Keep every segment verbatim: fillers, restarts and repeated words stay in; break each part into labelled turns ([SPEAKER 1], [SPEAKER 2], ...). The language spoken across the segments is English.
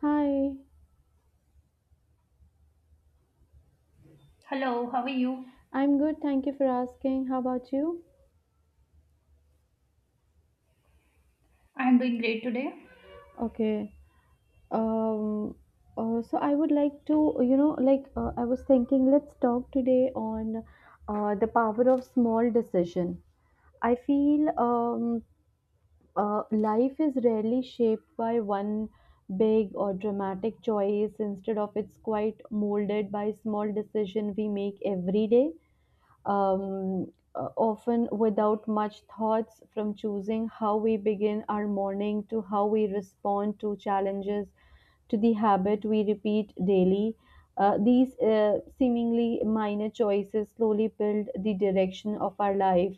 [SPEAKER 1] Hi,
[SPEAKER 2] Hello, how are you?
[SPEAKER 1] I'm good. Thank you for asking. How about you?
[SPEAKER 2] I am doing great today.
[SPEAKER 1] Okay. Um, uh, so I would like to, you know, like uh, I was thinking, let's talk today on uh, the power of small decision. I feel um, uh, Life is rarely shaped by one big or dramatic choice. Instead of it's quite molded by small decision we make every day. um, uh, Often without much thoughts, from choosing how we begin our morning to how we respond to challenges to the habit we repeat daily. Uh, these uh, seemingly minor choices slowly build the direction of our life.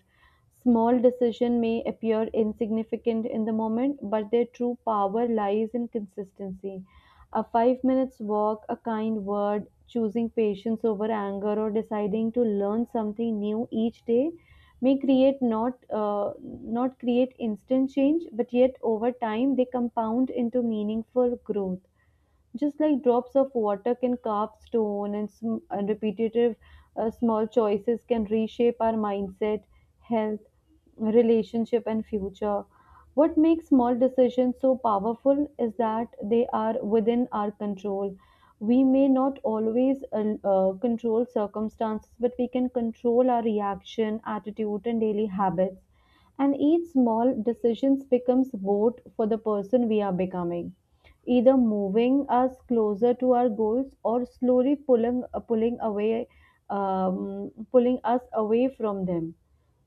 [SPEAKER 1] Small decision may appear insignificant in the moment, but their true power lies in consistency. A five minute walk, a kind word, choosing patience over anger or deciding to learn something new each day may create not uh, not create instant change but yet over time they compound into meaningful growth just like drops of water can carve stone and, sm- and repetitive uh, small choices can reshape our mindset, health, relationship, and future. What makes small decisions so powerful is that they are within our control. We may not always uh, uh, control circumstances, but we can control our reaction, attitude, and daily habits. And each small decision becomes vote for the person we are becoming, either moving us closer to our goals or slowly pulling uh, pulling away um, pulling us away from them.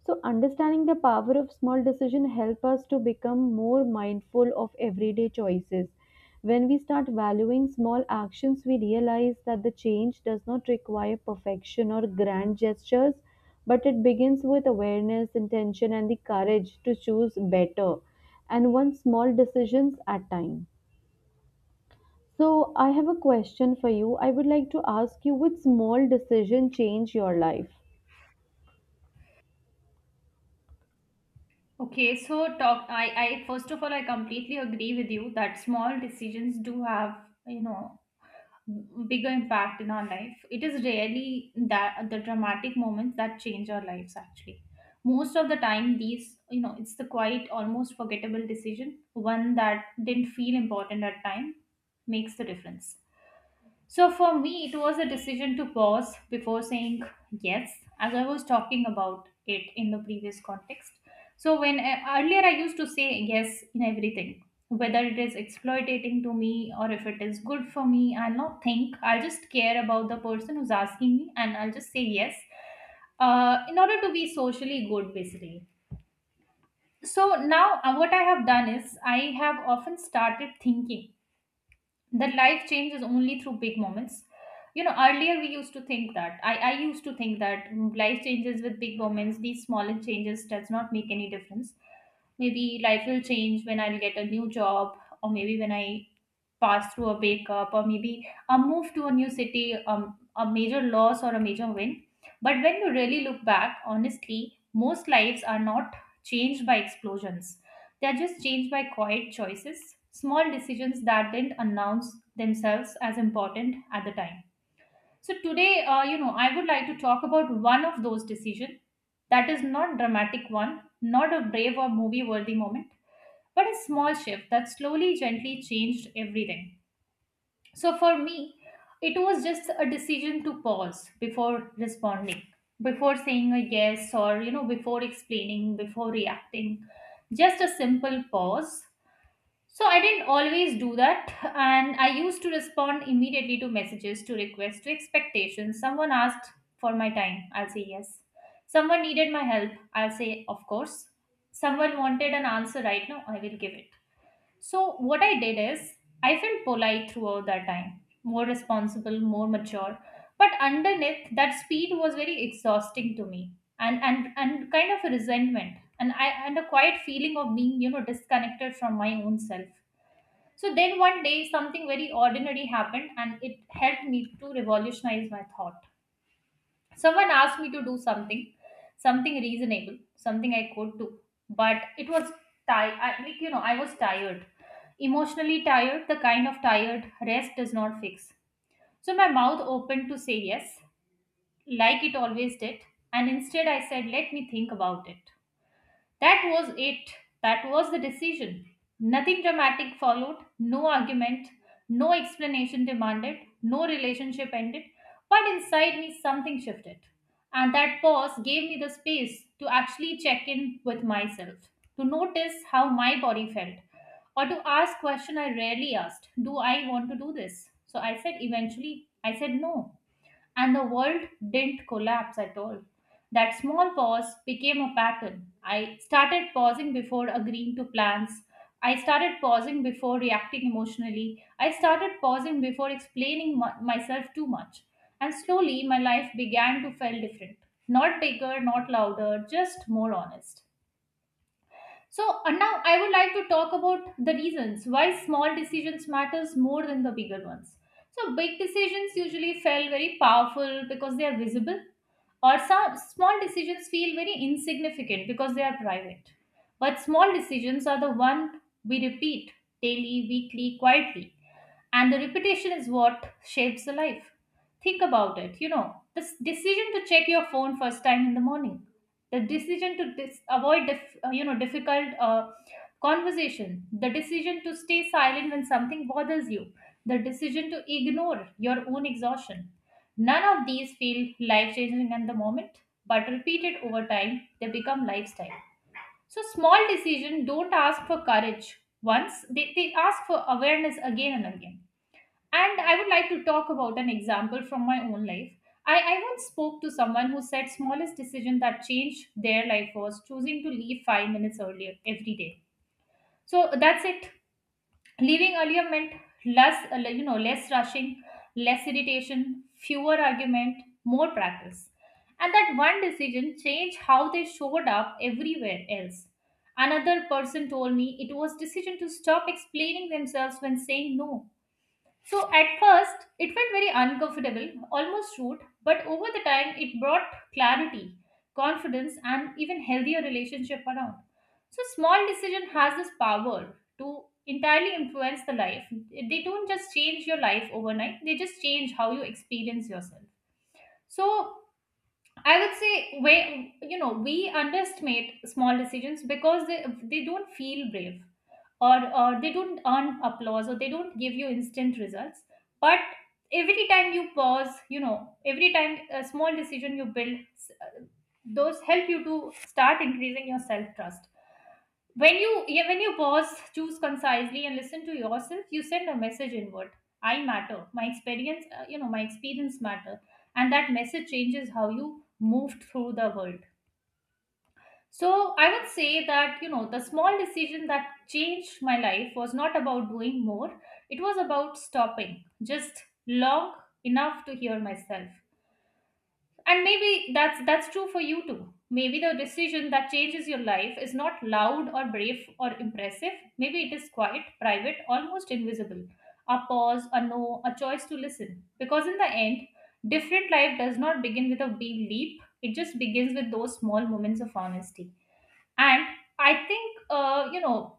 [SPEAKER 1] So understanding the power of small decision help us to become more mindful of everyday choices. When we start valuing small actions, we realize that the change does not require perfection or grand gestures, but it begins with awareness, intention, and the courage to choose better and one small decisions at time. So, I have a question for you. I would like to ask you, which small decision changed your life?
[SPEAKER 2] Okay, so talk I, I first of all I completely agree with you that small decisions do have, you know, bigger impact in our life. It is rarely that the dramatic moments that change our lives actually. Most of the time these, you know, it's the quiet, almost forgettable decision, one that didn't feel important at time, makes the difference. So for me, it was a decision to pause before saying yes, as I was talking about it in the previous context. So when I, earlier I used to say yes in everything, whether it is exploitating to me or if it is good for me, I'll not think. I'll just care about the person who's asking me, and I'll just say yes, uh, in order to be socially good, basically. So now uh, what I have done is I have often started thinking that life changes only through big moments. You know earlier we used to think that i i used to think that life changes with big moments. These smaller changes does not make any difference. Maybe life will change when I'll get a new job, or maybe when I pass through a wake up, or maybe a move to a new city, um, a major loss or a major win. But when you really look back, honestly, most lives are not changed by explosions. They are just changed by quiet choices, small decisions that didn't announce themselves as important at the time. So today, uh, you know, I would like to talk about one of those decisions that is not dramatic one, not a brave or movie worthy moment, but a small shift that slowly, gently changed everything. So for me, it was just a decision to pause before responding, before saying a yes or, you know, before explaining, before reacting. Just a simple pause. So I didn't always do that. And I used to respond immediately to messages, to requests, to expectations. Someone asked for my time, I'll say yes. Someone needed my help, I'll say, of course. Someone wanted an answer right now, I will give it. So, what I did is, I felt polite throughout that time, more responsible, more mature. But underneath, that speed was very exhausting to me, and and and kind of a resentment, and I and a quiet feeling of being, you know, disconnected from my own self. So then one day, something very ordinary happened, and it helped me to revolutionize my thought. Someone asked me to do something, something reasonable, something I could do, but it was tired. I like you know I was tired, emotionally tired, the kind of tired rest does not fix. So my mouth opened to say yes, like it always did, and instead I said, "Let me think about it." That was it. That was the decision. Nothing dramatic followed, no argument, no explanation demanded, no relationship ended, but inside me something shifted. And that pause gave me the space to actually check in with myself, to notice how my body felt, or to ask question I rarely asked, do I want to do this? So I said eventually, I said no. And the world didn't collapse at all. That small pause became a pattern. I started pausing before agreeing to plans. I started pausing before reacting emotionally. I started pausing before explaining my- myself too much. And slowly, my life began to feel different. Not bigger, not louder, just more honest. So and now I would like to talk about the reasons why small decisions matters more than the bigger ones. So big decisions usually feel very powerful because they are visible, or some small decisions feel very insignificant because they are private. But small decisions are the one we repeat daily, weekly, quietly, and the repetition is what shapes the life. Think about it. You know, this decision to check your phone first time in the morning, the decision to dis- avoid dif- uh, you know, difficult uh, conversation, the decision to stay silent when something bothers you, the decision to ignore your own exhaustion, none of these feel life changing at the moment, but repeated over time they become lifestyle. So small decisions don't ask for courage once they, they ask for awareness again and again. And I would like to talk about an example from my own life. I, I once spoke to someone who said smallest decision that changed their life was choosing to leave five minutes earlier every day. So that's it. Leaving earlier meant less, uh, you know, less rushing, less irritation, fewer argument, more practice. And that one decision changed how they showed up everywhere else. Another person told me it was decision to stop explaining themselves when saying no. So at first, it felt very uncomfortable, almost rude, but over the time, it brought clarity, confidence, and even healthier relationship around. So small decision has this power to entirely influence the life. They don't just change your life overnight; they just change how you experience yourself. So I would say, where you know, we underestimate small decisions because they they don't feel brave, or uh, they don't earn applause, or they don't give you instant results. But every time you pause, you know, every time a small decision you build, those help you to start increasing your self trust. When you yeah, when you pause, choose concisely and listen to yourself, you send a message inward. I matter, my experience uh, you know, my experience matter. And that message changes how you move through the world. So I would say that, you know, the small decision that changed my life was not about doing more, it was about stopping just long enough to hear myself. And maybe that's that's true for you too. Maybe the decision that changes your life is not loud or brave or impressive. Maybe it is quiet, private, almost invisible. A pause, a no, a choice to listen. Because in the end, different life does not begin with a big leap. It just begins with those small moments of honesty. And I think uh, you know,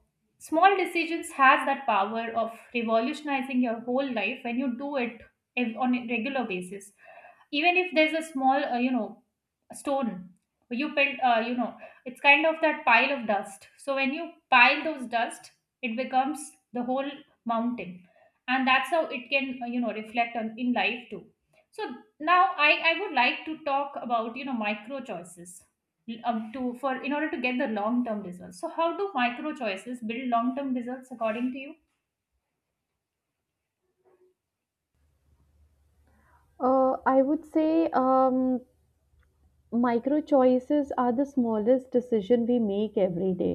[SPEAKER 2] small decisions has that power of revolutionizing your whole life when you do it ev- on a regular basis. Even if there's a small uh, you know, stone you build, uh, you know, it's kind of that pile of dust, so when you pile those dust it becomes the whole mountain. And that's how it can uh, you know, reflect on in life too. So now i i would like to talk about, you know, micro choices, um, to for in order to get the long term results. So how do micro choices build long term results according to you?
[SPEAKER 1] Uh, I would say um, micro choices are the smallest decision we make every day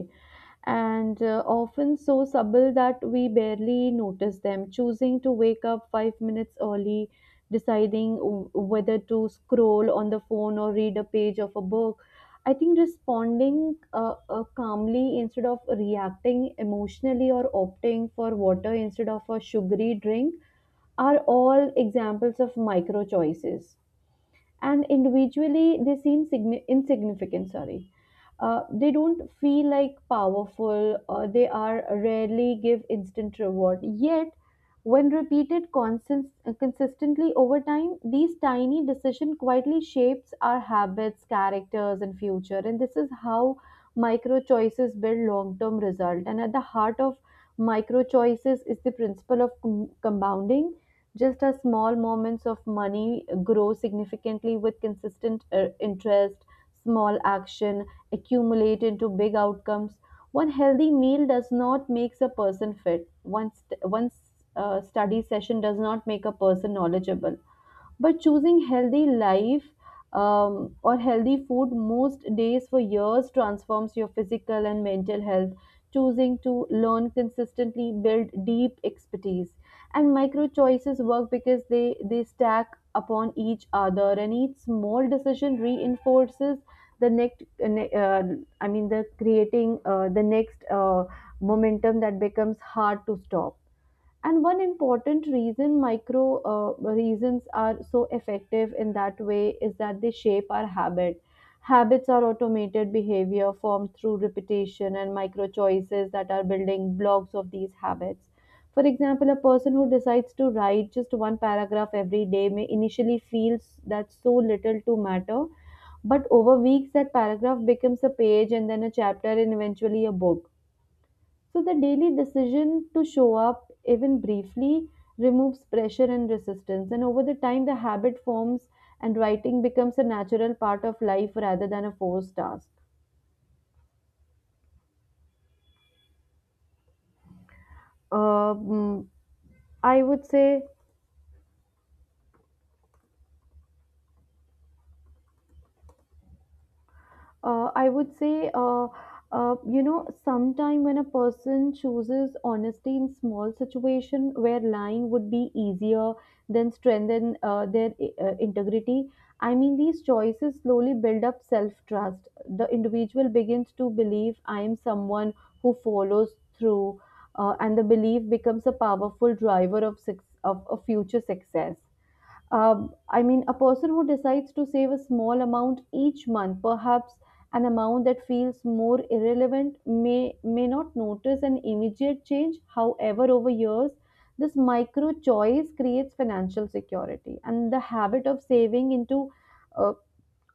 [SPEAKER 1] and uh, often so subtle that we barely notice them, choosing to wake up five minutes early, deciding w- whether to scroll on the phone or read a page of a book. I think responding uh, uh, calmly instead of reacting emotionally or opting for water instead of a sugary drink are all examples of micro choices, and individually they seem signi- insignificant, sorry, uh, they don't feel like powerful or they are rarely give instant reward. Yet when repeated consist- consistently over time, these tiny decision quietly shapes our habits, characters, and future, and this is how micro choices build long term result. And at the heart of micro choices is the principle of com- compounding. Just as small moments of money grow significantly with consistent uh, interest, small action accumulate into big outcomes. One healthy meal does not makes a person fit. One st- one uh, study session does not make a person knowledgeable, but choosing healthy life um, or healthy food most days for years transforms your physical and mental health. Choosing to learn consistently build deep expertise, and micro choices work because they they stack upon each other and each small decision reinforces the next uh, ne- uh, I mean the creating uh, the next uh, momentum that becomes hard to stop. And one important reason micro uh, reasons are so effective in that way is that they shape our habit. Habits are automated behavior formed through repetition, and micro choices that are building blocks of these habits. For example, a person who decides to write just one paragraph every day may initially feel that so little to matter, but over weeks that paragraph becomes a page and then a chapter and eventually a book. So the daily decision to show up, even briefly, removes pressure and resistance. And over the time, the habit forms and writing becomes a natural part of life rather than a forced task. Um, I would say uh, I would say, uh, uh, you know, sometime when a person chooses honesty in small situation where lying would be easier than strengthen uh, their uh, integrity. I mean, these choices slowly build up self trust. The individual begins to believe I am someone who follows through, uh, and the belief becomes a powerful driver of, suc- of, of future success. um, I mean, a person who decides to save a small amount each month, perhaps an amount that feels more irrelevant, may may not notice an immediate change. However, over years, this micro choice creates financial security, and the habit of saving into uh,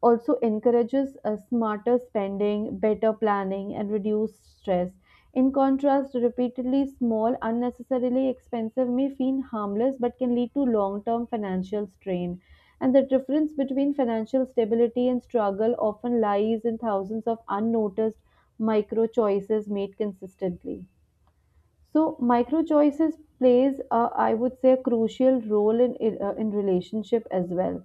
[SPEAKER 1] also encourages a smarter spending, better planning, and reduced stress. In contrast, repeatedly small, unnecessarily expensive may feel harmless but can lead to long term financial strain. And the difference between financial stability and struggle often lies in thousands of unnoticed micro choices made consistently. So, micro choices plays, uh, I would say, a crucial role in in, uh, in relationship as well.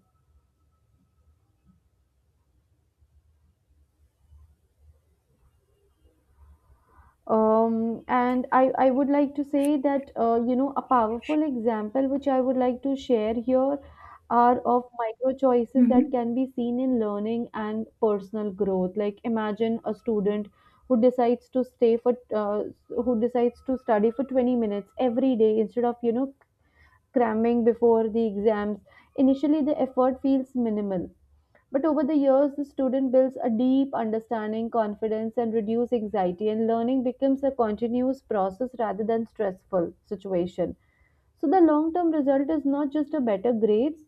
[SPEAKER 1] Um, and I, I would like to say that, uh, you know, a powerful example which I would like to share here are of micro choices that
[SPEAKER 2] Mm-hmm.
[SPEAKER 1] can be seen in learning and personal growth. Like imagine a student who decides to stay for, uh, who decides to study for twenty minutes every day instead of, you know, cramming before the exams. Initially, the effort feels minimal, but over the years, the student builds a deep understanding, confidence, and reduced anxiety, and learning becomes a continuous process rather than stressful situation. So the long-term result is not just a better grades,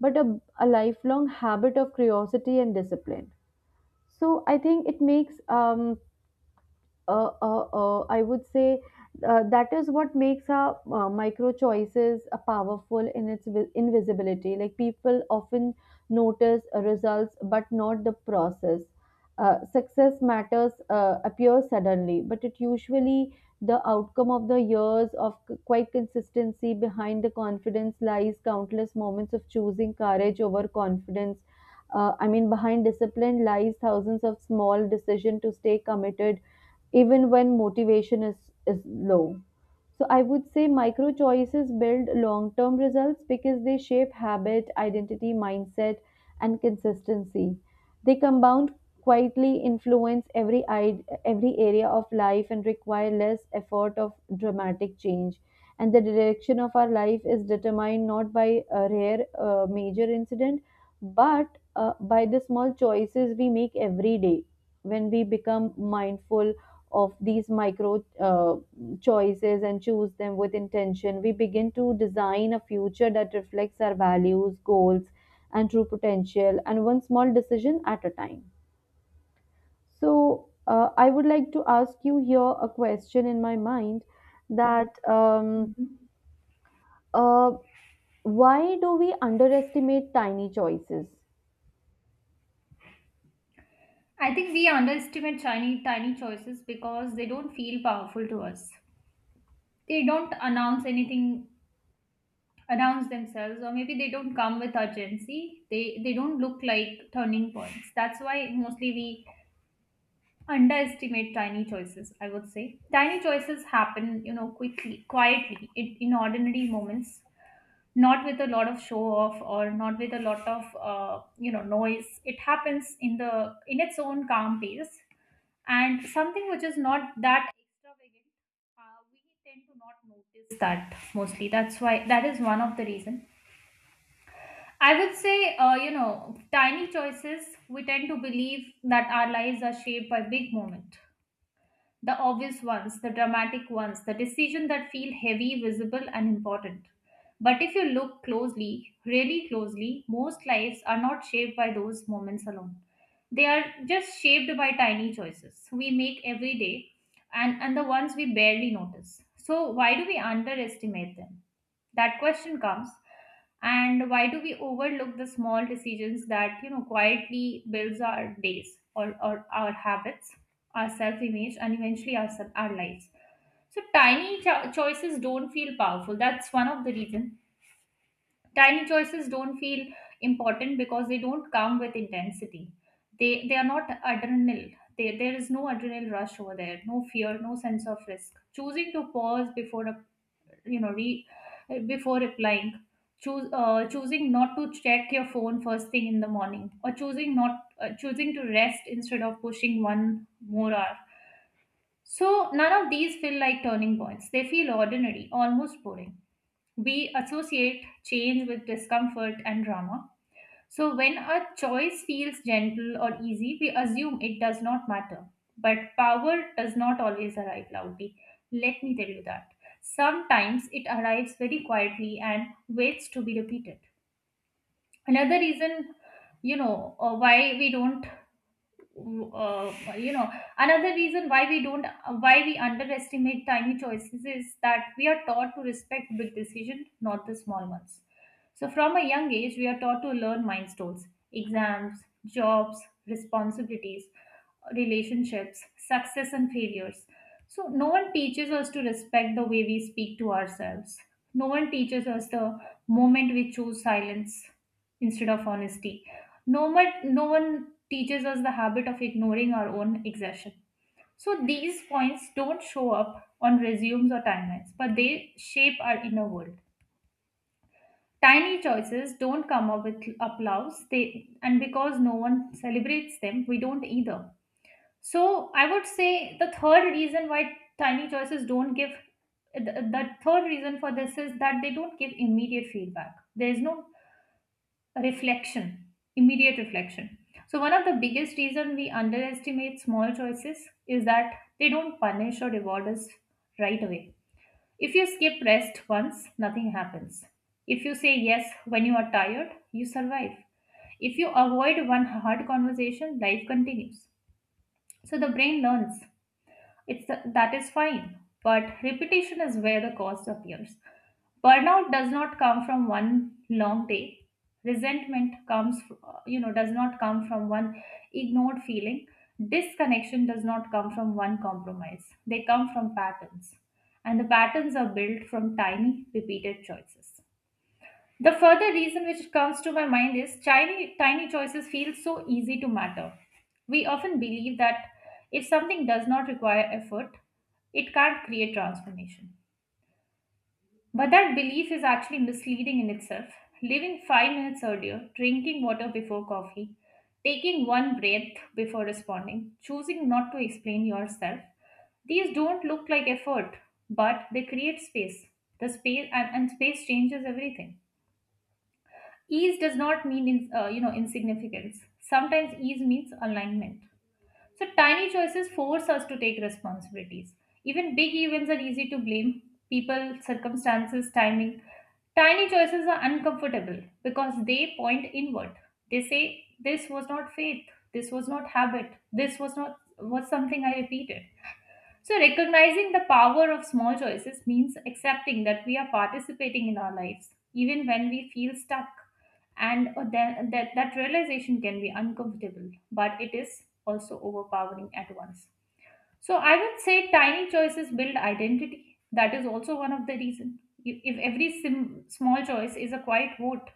[SPEAKER 1] but a, a lifelong habit of curiosity and discipline. So I think it makes um, uh, uh, uh, I would say uh, that is what makes our uh, micro choices uh, powerful in its vi- invisibility. Like people often notice results, but not the process. Uh, success matters uh, appears suddenly, but it usually the outcome of the years of c- quite consistency. Behind the confidence lies countless moments of choosing courage over confidence. Uh, I mean, behind discipline lies thousands of small decision to stay committed even when motivation is, is low. So I would say micro choices build long term results because they shape habit, identity, mindset, and consistency. They compound quietly, influence every id- every area of life and require less effort of dramatic change. And the direction of our life is determined not by a rare uh, major incident but uh, by the small choices we make every day. When we become mindful of these micro uh, choices and choose them with intention, we begin to design a future that reflects our values, goals, and true potential, and one small decision at a time. So, uh, I would like to ask you here a question in my mind that um,
[SPEAKER 2] Mm-hmm.
[SPEAKER 1] uh, why do we underestimate tiny choices?
[SPEAKER 2] I think we underestimate tiny, tiny choices because they don't feel powerful to us. They don't announce anything announce themselves or maybe they don't come with urgency. They they don't look like turning points. That's why mostly we underestimate tiny choices. I would say tiny choices happen, you know, quickly, quietly, in, in ordinary moments, not with a lot of show off, or not with a lot of uh, you know, noise. It happens in the in its own calm pace. And something which is not that extravagant, uh, we tend to not notice that mostly. That's why that is one of the reason. I would say, uh, you know, tiny choices, we tend to believe that our lives are shaped by big moment, the obvious ones, the dramatic ones, the decisions that feel heavy, visible, and important. But if you look closely, really closely, most lives are not shaped by those moments alone. They are just shaped by tiny choices we make every day, and, and the ones we barely notice. So, why do we underestimate them? That question comes. And why do we overlook the small decisions that, you know, quietly builds our days, or, or our habits, our self-image, and eventually our, sub- our lives. So tiny cho- choices don't feel powerful. That's one of the reasons. Tiny choices don't feel important because they don't come with intensity. They they are not adrenal. They, there is no adrenal rush over there, no fear, no sense of risk. Choosing to pause before a, you know, re, before replying, choose uh, choosing not to check your phone first thing in the morning, or choosing not uh, choosing to rest instead of pushing one more hour. So none of these feel like turning points. They feel ordinary, almost boring. We associate change with discomfort and drama. So, when a choice feels gentle or easy, we assume it does not matter. But power does not always arrive loudly. Let me tell you that. Sometimes it arrives very quietly and waits to be repeated. Another reason, you know, uh, why we don't, uh, you know, another reason why we don't, why we underestimate tiny choices is that we are taught to respect big decisions, not the small ones. So, from a young age, we are taught to learn milestones, exams, jobs, responsibilities, relationships, success, and failures. So, no one teaches us to respect the way we speak to ourselves. No one teaches us the moment we choose silence instead of honesty. No, one- no one teaches us the habit of ignoring our own exertion. So, these points don't show up on resumes or timelines, but they shape our inner world. Tiny choices don't come up with applause, they and because no one celebrates them, we don't either. So I would say the third reason why tiny choices don't give the, the third reason for this is that they don't give immediate feedback. There is no reflection, immediate reflection. So one of the biggest reason we underestimate small choices is that they don't punish or reward us right away. If you skip rest once, nothing happens. If you say yes when you are tired, you survive. If you avoid one hard conversation, life continues. So the brain learns it's the, that is fine, but repetition is where the cost appears. Burnout does not come from one long day. Resentment comes, fr- uh, you know, does not come from one ignored feeling. Disconnection does not come from one compromise. They come from patterns, and the patterns are built from tiny, repeated choices. The further reason which comes to my mind is tiny, tiny choices feel so easy to matter. We often believe that if something does not require effort, it can't create transformation. But that belief is actually misleading in itself. Leaving five minutes earlier, drinking water before coffee, taking one breath before responding, choosing not to explain yourself, these don't look like effort, but they create space. The space and, and space changes everything. Ease does not mean in, uh, you know insignificance. Sometimes ease means alignment. So tiny choices force us to take responsibilities. Even big events are easy to blame people, circumstances, timing. Tiny choices are uncomfortable because they point inward. They say this was not faith, this was not habit, this was not was something I repeated. So, recognizing the power of small choices means accepting that we are participating in our lives, even when we feel stuck. And uh, that, that, that realization can be uncomfortable, but it is also overpowering at once. So, I would say tiny choices build identity. That is also one of the reasons. If every sim- small choice is a quiet vote,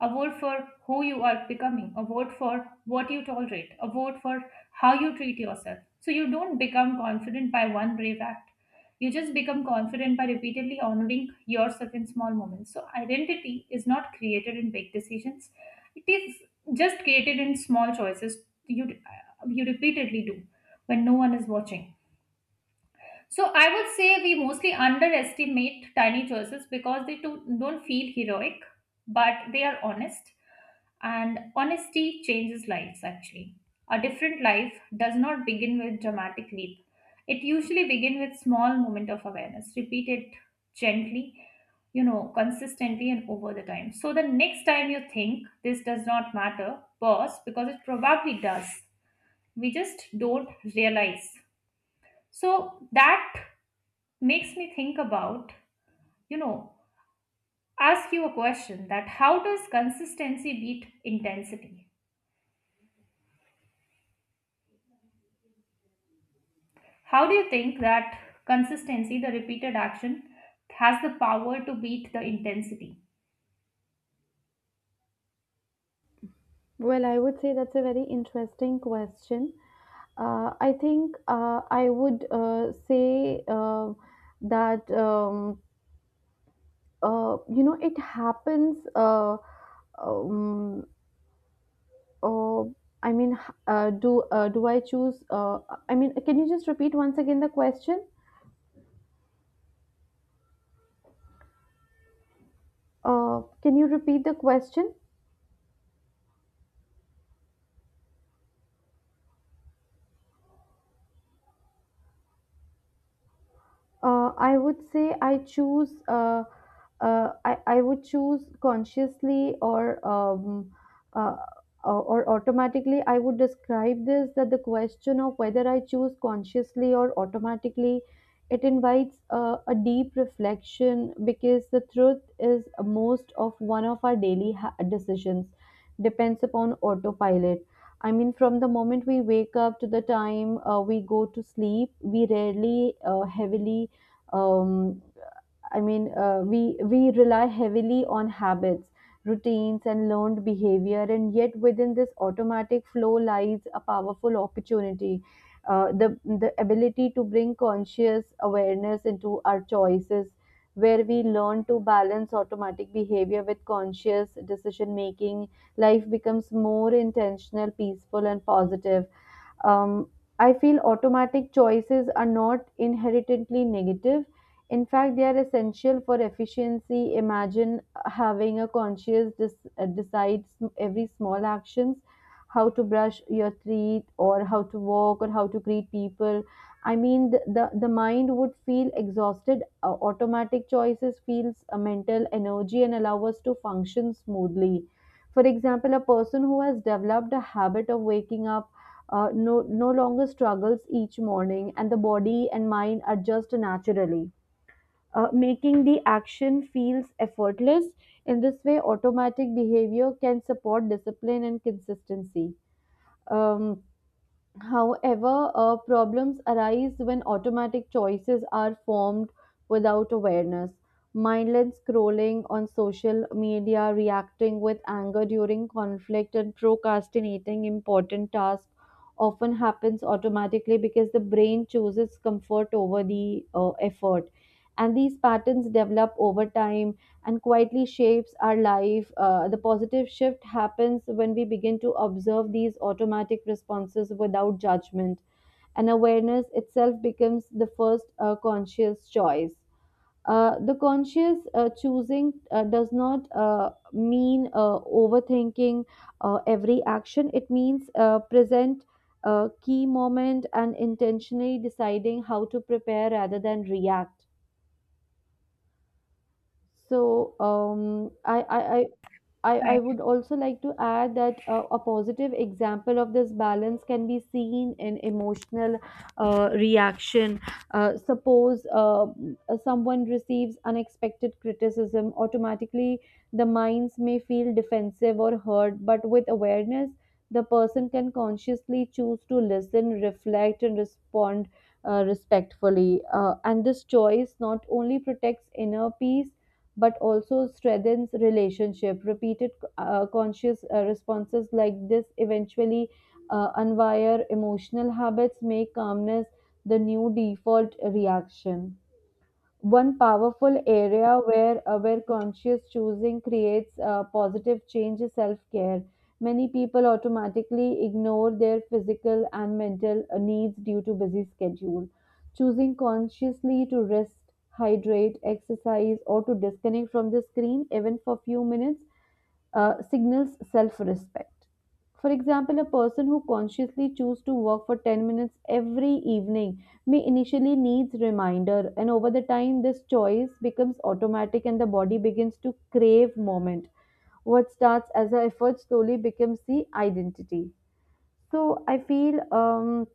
[SPEAKER 2] a vote for who you are becoming, a vote for what you tolerate, a vote for how you treat yourself. So you don't become confident by one brave act. You just become confident by repeatedly honoring yourself in small moments. So identity is not created in big decisions. It is just created in small choices you you repeatedly do when no one is watching. So I would say we mostly underestimate tiny choices because they do, don't feel heroic, but they are honest, and honesty changes lives, actually. A different life does not begin with dramatic leap. It usually begins with small moment of awareness, repeated gently, you know, consistently and over the time. So the next time you think this does not matter, pause because it probably does. We just don't realize. So that makes me think about, you know, ask you a question that how does consistency beat intensity? How do you think that consistency, the repeated action, has the power to beat the intensity?
[SPEAKER 1] Well, I would say that's a very interesting question. Uh, I think uh, I would uh, say uh, that um, uh, you know it happens. Uh, um, uh, I mean, h- uh, do uh, Do I choose? Uh, I mean, can you just repeat once again the question? Uh, can you repeat the question? Uh, I would say I choose. Uh, uh, I I would choose consciously or um, uh, or or automatically. I would describe this that the question of whether I choose consciously or automatically, it invites uh, a deep reflection because the truth is most of one of our daily ha- decisions depends upon autopilot. I mean, from the moment we wake up to the time uh, we go to sleep, we rarely uh, heavily um, I mean, uh, we we rely heavily on habits, routines, and learned behavior, and yet within this automatic flow lies a powerful opportunity. Uh, the the ability to bring conscious awareness into our choices, where we learn to balance automatic behavior with conscious decision making, life becomes more intentional, peaceful, and positive. um, I feel automatic choices are not inherently negative. In fact, they are essential for efficiency. Imagine having a conscious dis- uh, decide sm- every small actions, how to brush your teeth, or how to walk, or how to greet people. I mean, the the, the mind would feel exhausted. Uh, automatic choices feels a mental energy and allow us to function smoothly. For example, a person who has developed a habit of waking up uh, no, no longer struggles each morning, and the body and mind adjust naturally, uh, making the action feels effortless. In this way, automatic behavior can support discipline and consistency. Um, However, uh, problems arise when automatic choices are formed without awareness. Mindless scrolling on social media, reacting with anger during conflict, and procrastinating important tasks often happens automatically because the brain chooses comfort over the uh, effort. And these patterns develop over time and quietly shapes our life. Uh, the positive shift happens when we begin to observe these automatic responses without judgment, and awareness itself becomes the first uh, conscious choice. Uh, the conscious uh, choosing uh, does not uh, mean uh, overthinking uh, every action. It means uh, present a key moment and intentionally deciding how to prepare rather than react. So um, I, I, I I, I
[SPEAKER 2] Right.
[SPEAKER 1] would also like to add that uh, a positive example of this balance can be seen in emotional uh, reaction. Uh, suppose uh, someone receives unexpected criticism, automatically the minds may feel defensive or hurt, but with awareness, the person can consciously choose to listen, reflect, and respond uh, respectfully. Uh, and this choice not only protects inner peace but also strengthens relationship repeated uh, conscious uh, responses like this eventually uh, unwire emotional habits make calmness the new default reaction. One powerful area where uh, where conscious choosing creates uh, positive change is self-care. Many people automatically ignore their physical and mental uh, needs due to busy schedule, choosing consciously to rest, hydrate, exercise, or to disconnect from the screen even for few minutes uh, signals self-respect. For example, a person who consciously chooses to work for ten minutes every evening may initially needs reminder, and over the time this choice becomes automatic and the body begins to crave moment. What starts as an effort slowly becomes the identity. So I feel um,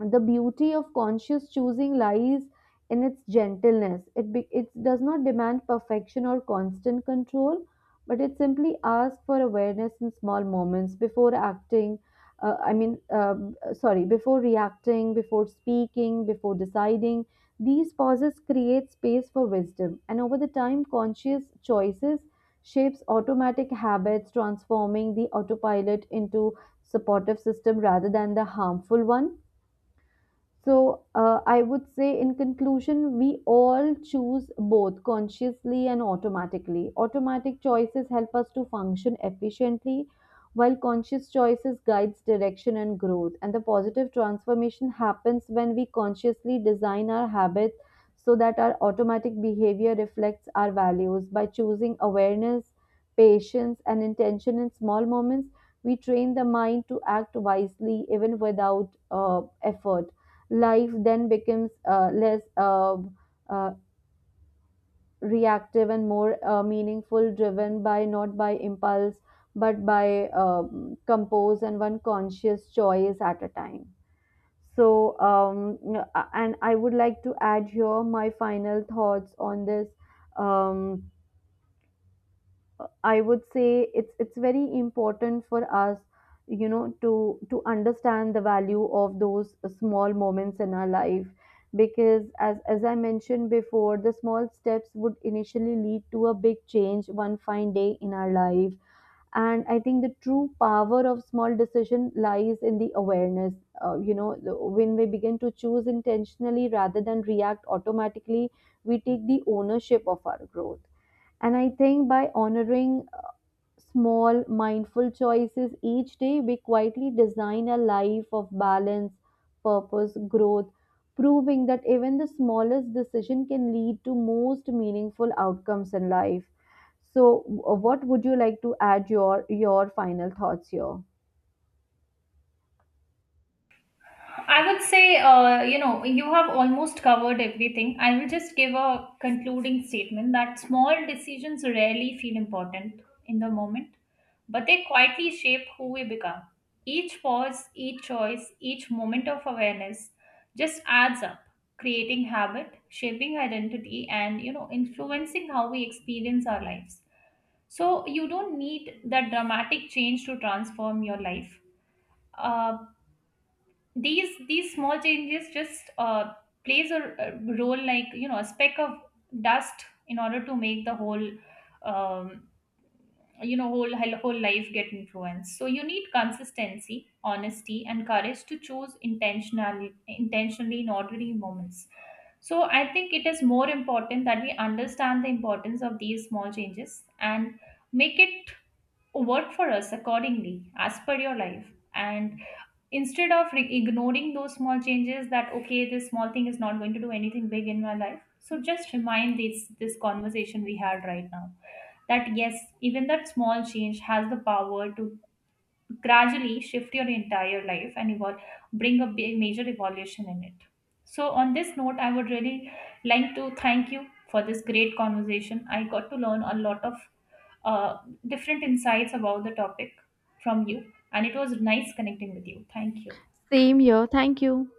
[SPEAKER 1] the beauty of conscious choosing lies in its gentleness. It, be, it does not demand perfection or constant control, but it simply asks for awareness in small moments before acting. Uh, I mean, um, sorry, before reacting, before speaking, before deciding. These pauses create space for wisdom, and over the time, conscious choices shapes automatic habits, transforming the autopilot into supportive system rather than the harmful one. so, uh, I would say in conclusion, we all choose both consciously and automatically. Automatic choices help us to function efficiently, while conscious choices guides direction and growth. And the positive transformation happens when we consciously design our habits so that our automatic behavior reflects our values. By choosing awareness, patience, and intention in small moments, we train the mind to act wisely even without uh, effort. Life then becomes uh, less uh, uh, reactive and more uh, meaningful, driven by not by impulse but by um, compose and one conscious choice at a time. So um, n- a- and i would like to add here my final thoughts on this. um, I would say it's it's very important for us, you know, to to understand the value of those small moments in our life, because as as I mentioned before, the small steps would initially lead to a big change one fine day in our life. And I think the true power of small decision lies in the awareness. Uh, you know, the- when we begin to choose intentionally rather than react automatically, we take the ownership of our growth, and I think by honoring small, mindful choices each day, we quietly design a life of balance, purpose, growth, proving that even the smallest decision can lead to most meaningful outcomes in life. So, w- what would you like to add, your your final thoughts here?
[SPEAKER 2] I would say, uh, you know, you have almost covered everything. I will just give a concluding statement that small decisions rarely feel important in the moment, but they quietly shape who we become. Each pause, each choice, each moment of awareness just adds up, creating habit, shaping identity, and, you know, influencing how we experience our lives. So you don't need that dramatic change to transform your life. Uh, these these small changes just uh, plays a, a role, like, you know a speck of dust in order to make the whole um, you know whole whole whole life get influenced. So you need consistency, honesty, and courage to choose intentionally intentionally in ordinary moments. So I think it is more important that we understand the importance of these small changes and make it work for us accordingly as per your life, and instead of re- ignoring those small changes that okay this small thing is not going to do anything big in my life, so just remind this this conversation we had right now, that yes, even that small change has the power to gradually shift your entire life and evolve, bring a big major evolution in it. So, on this note, I would really like to thank you for this great conversation. I got to learn a lot of uh, different insights about the topic from you, and it was nice connecting with you. Thank you.
[SPEAKER 1] Same here. Thank you.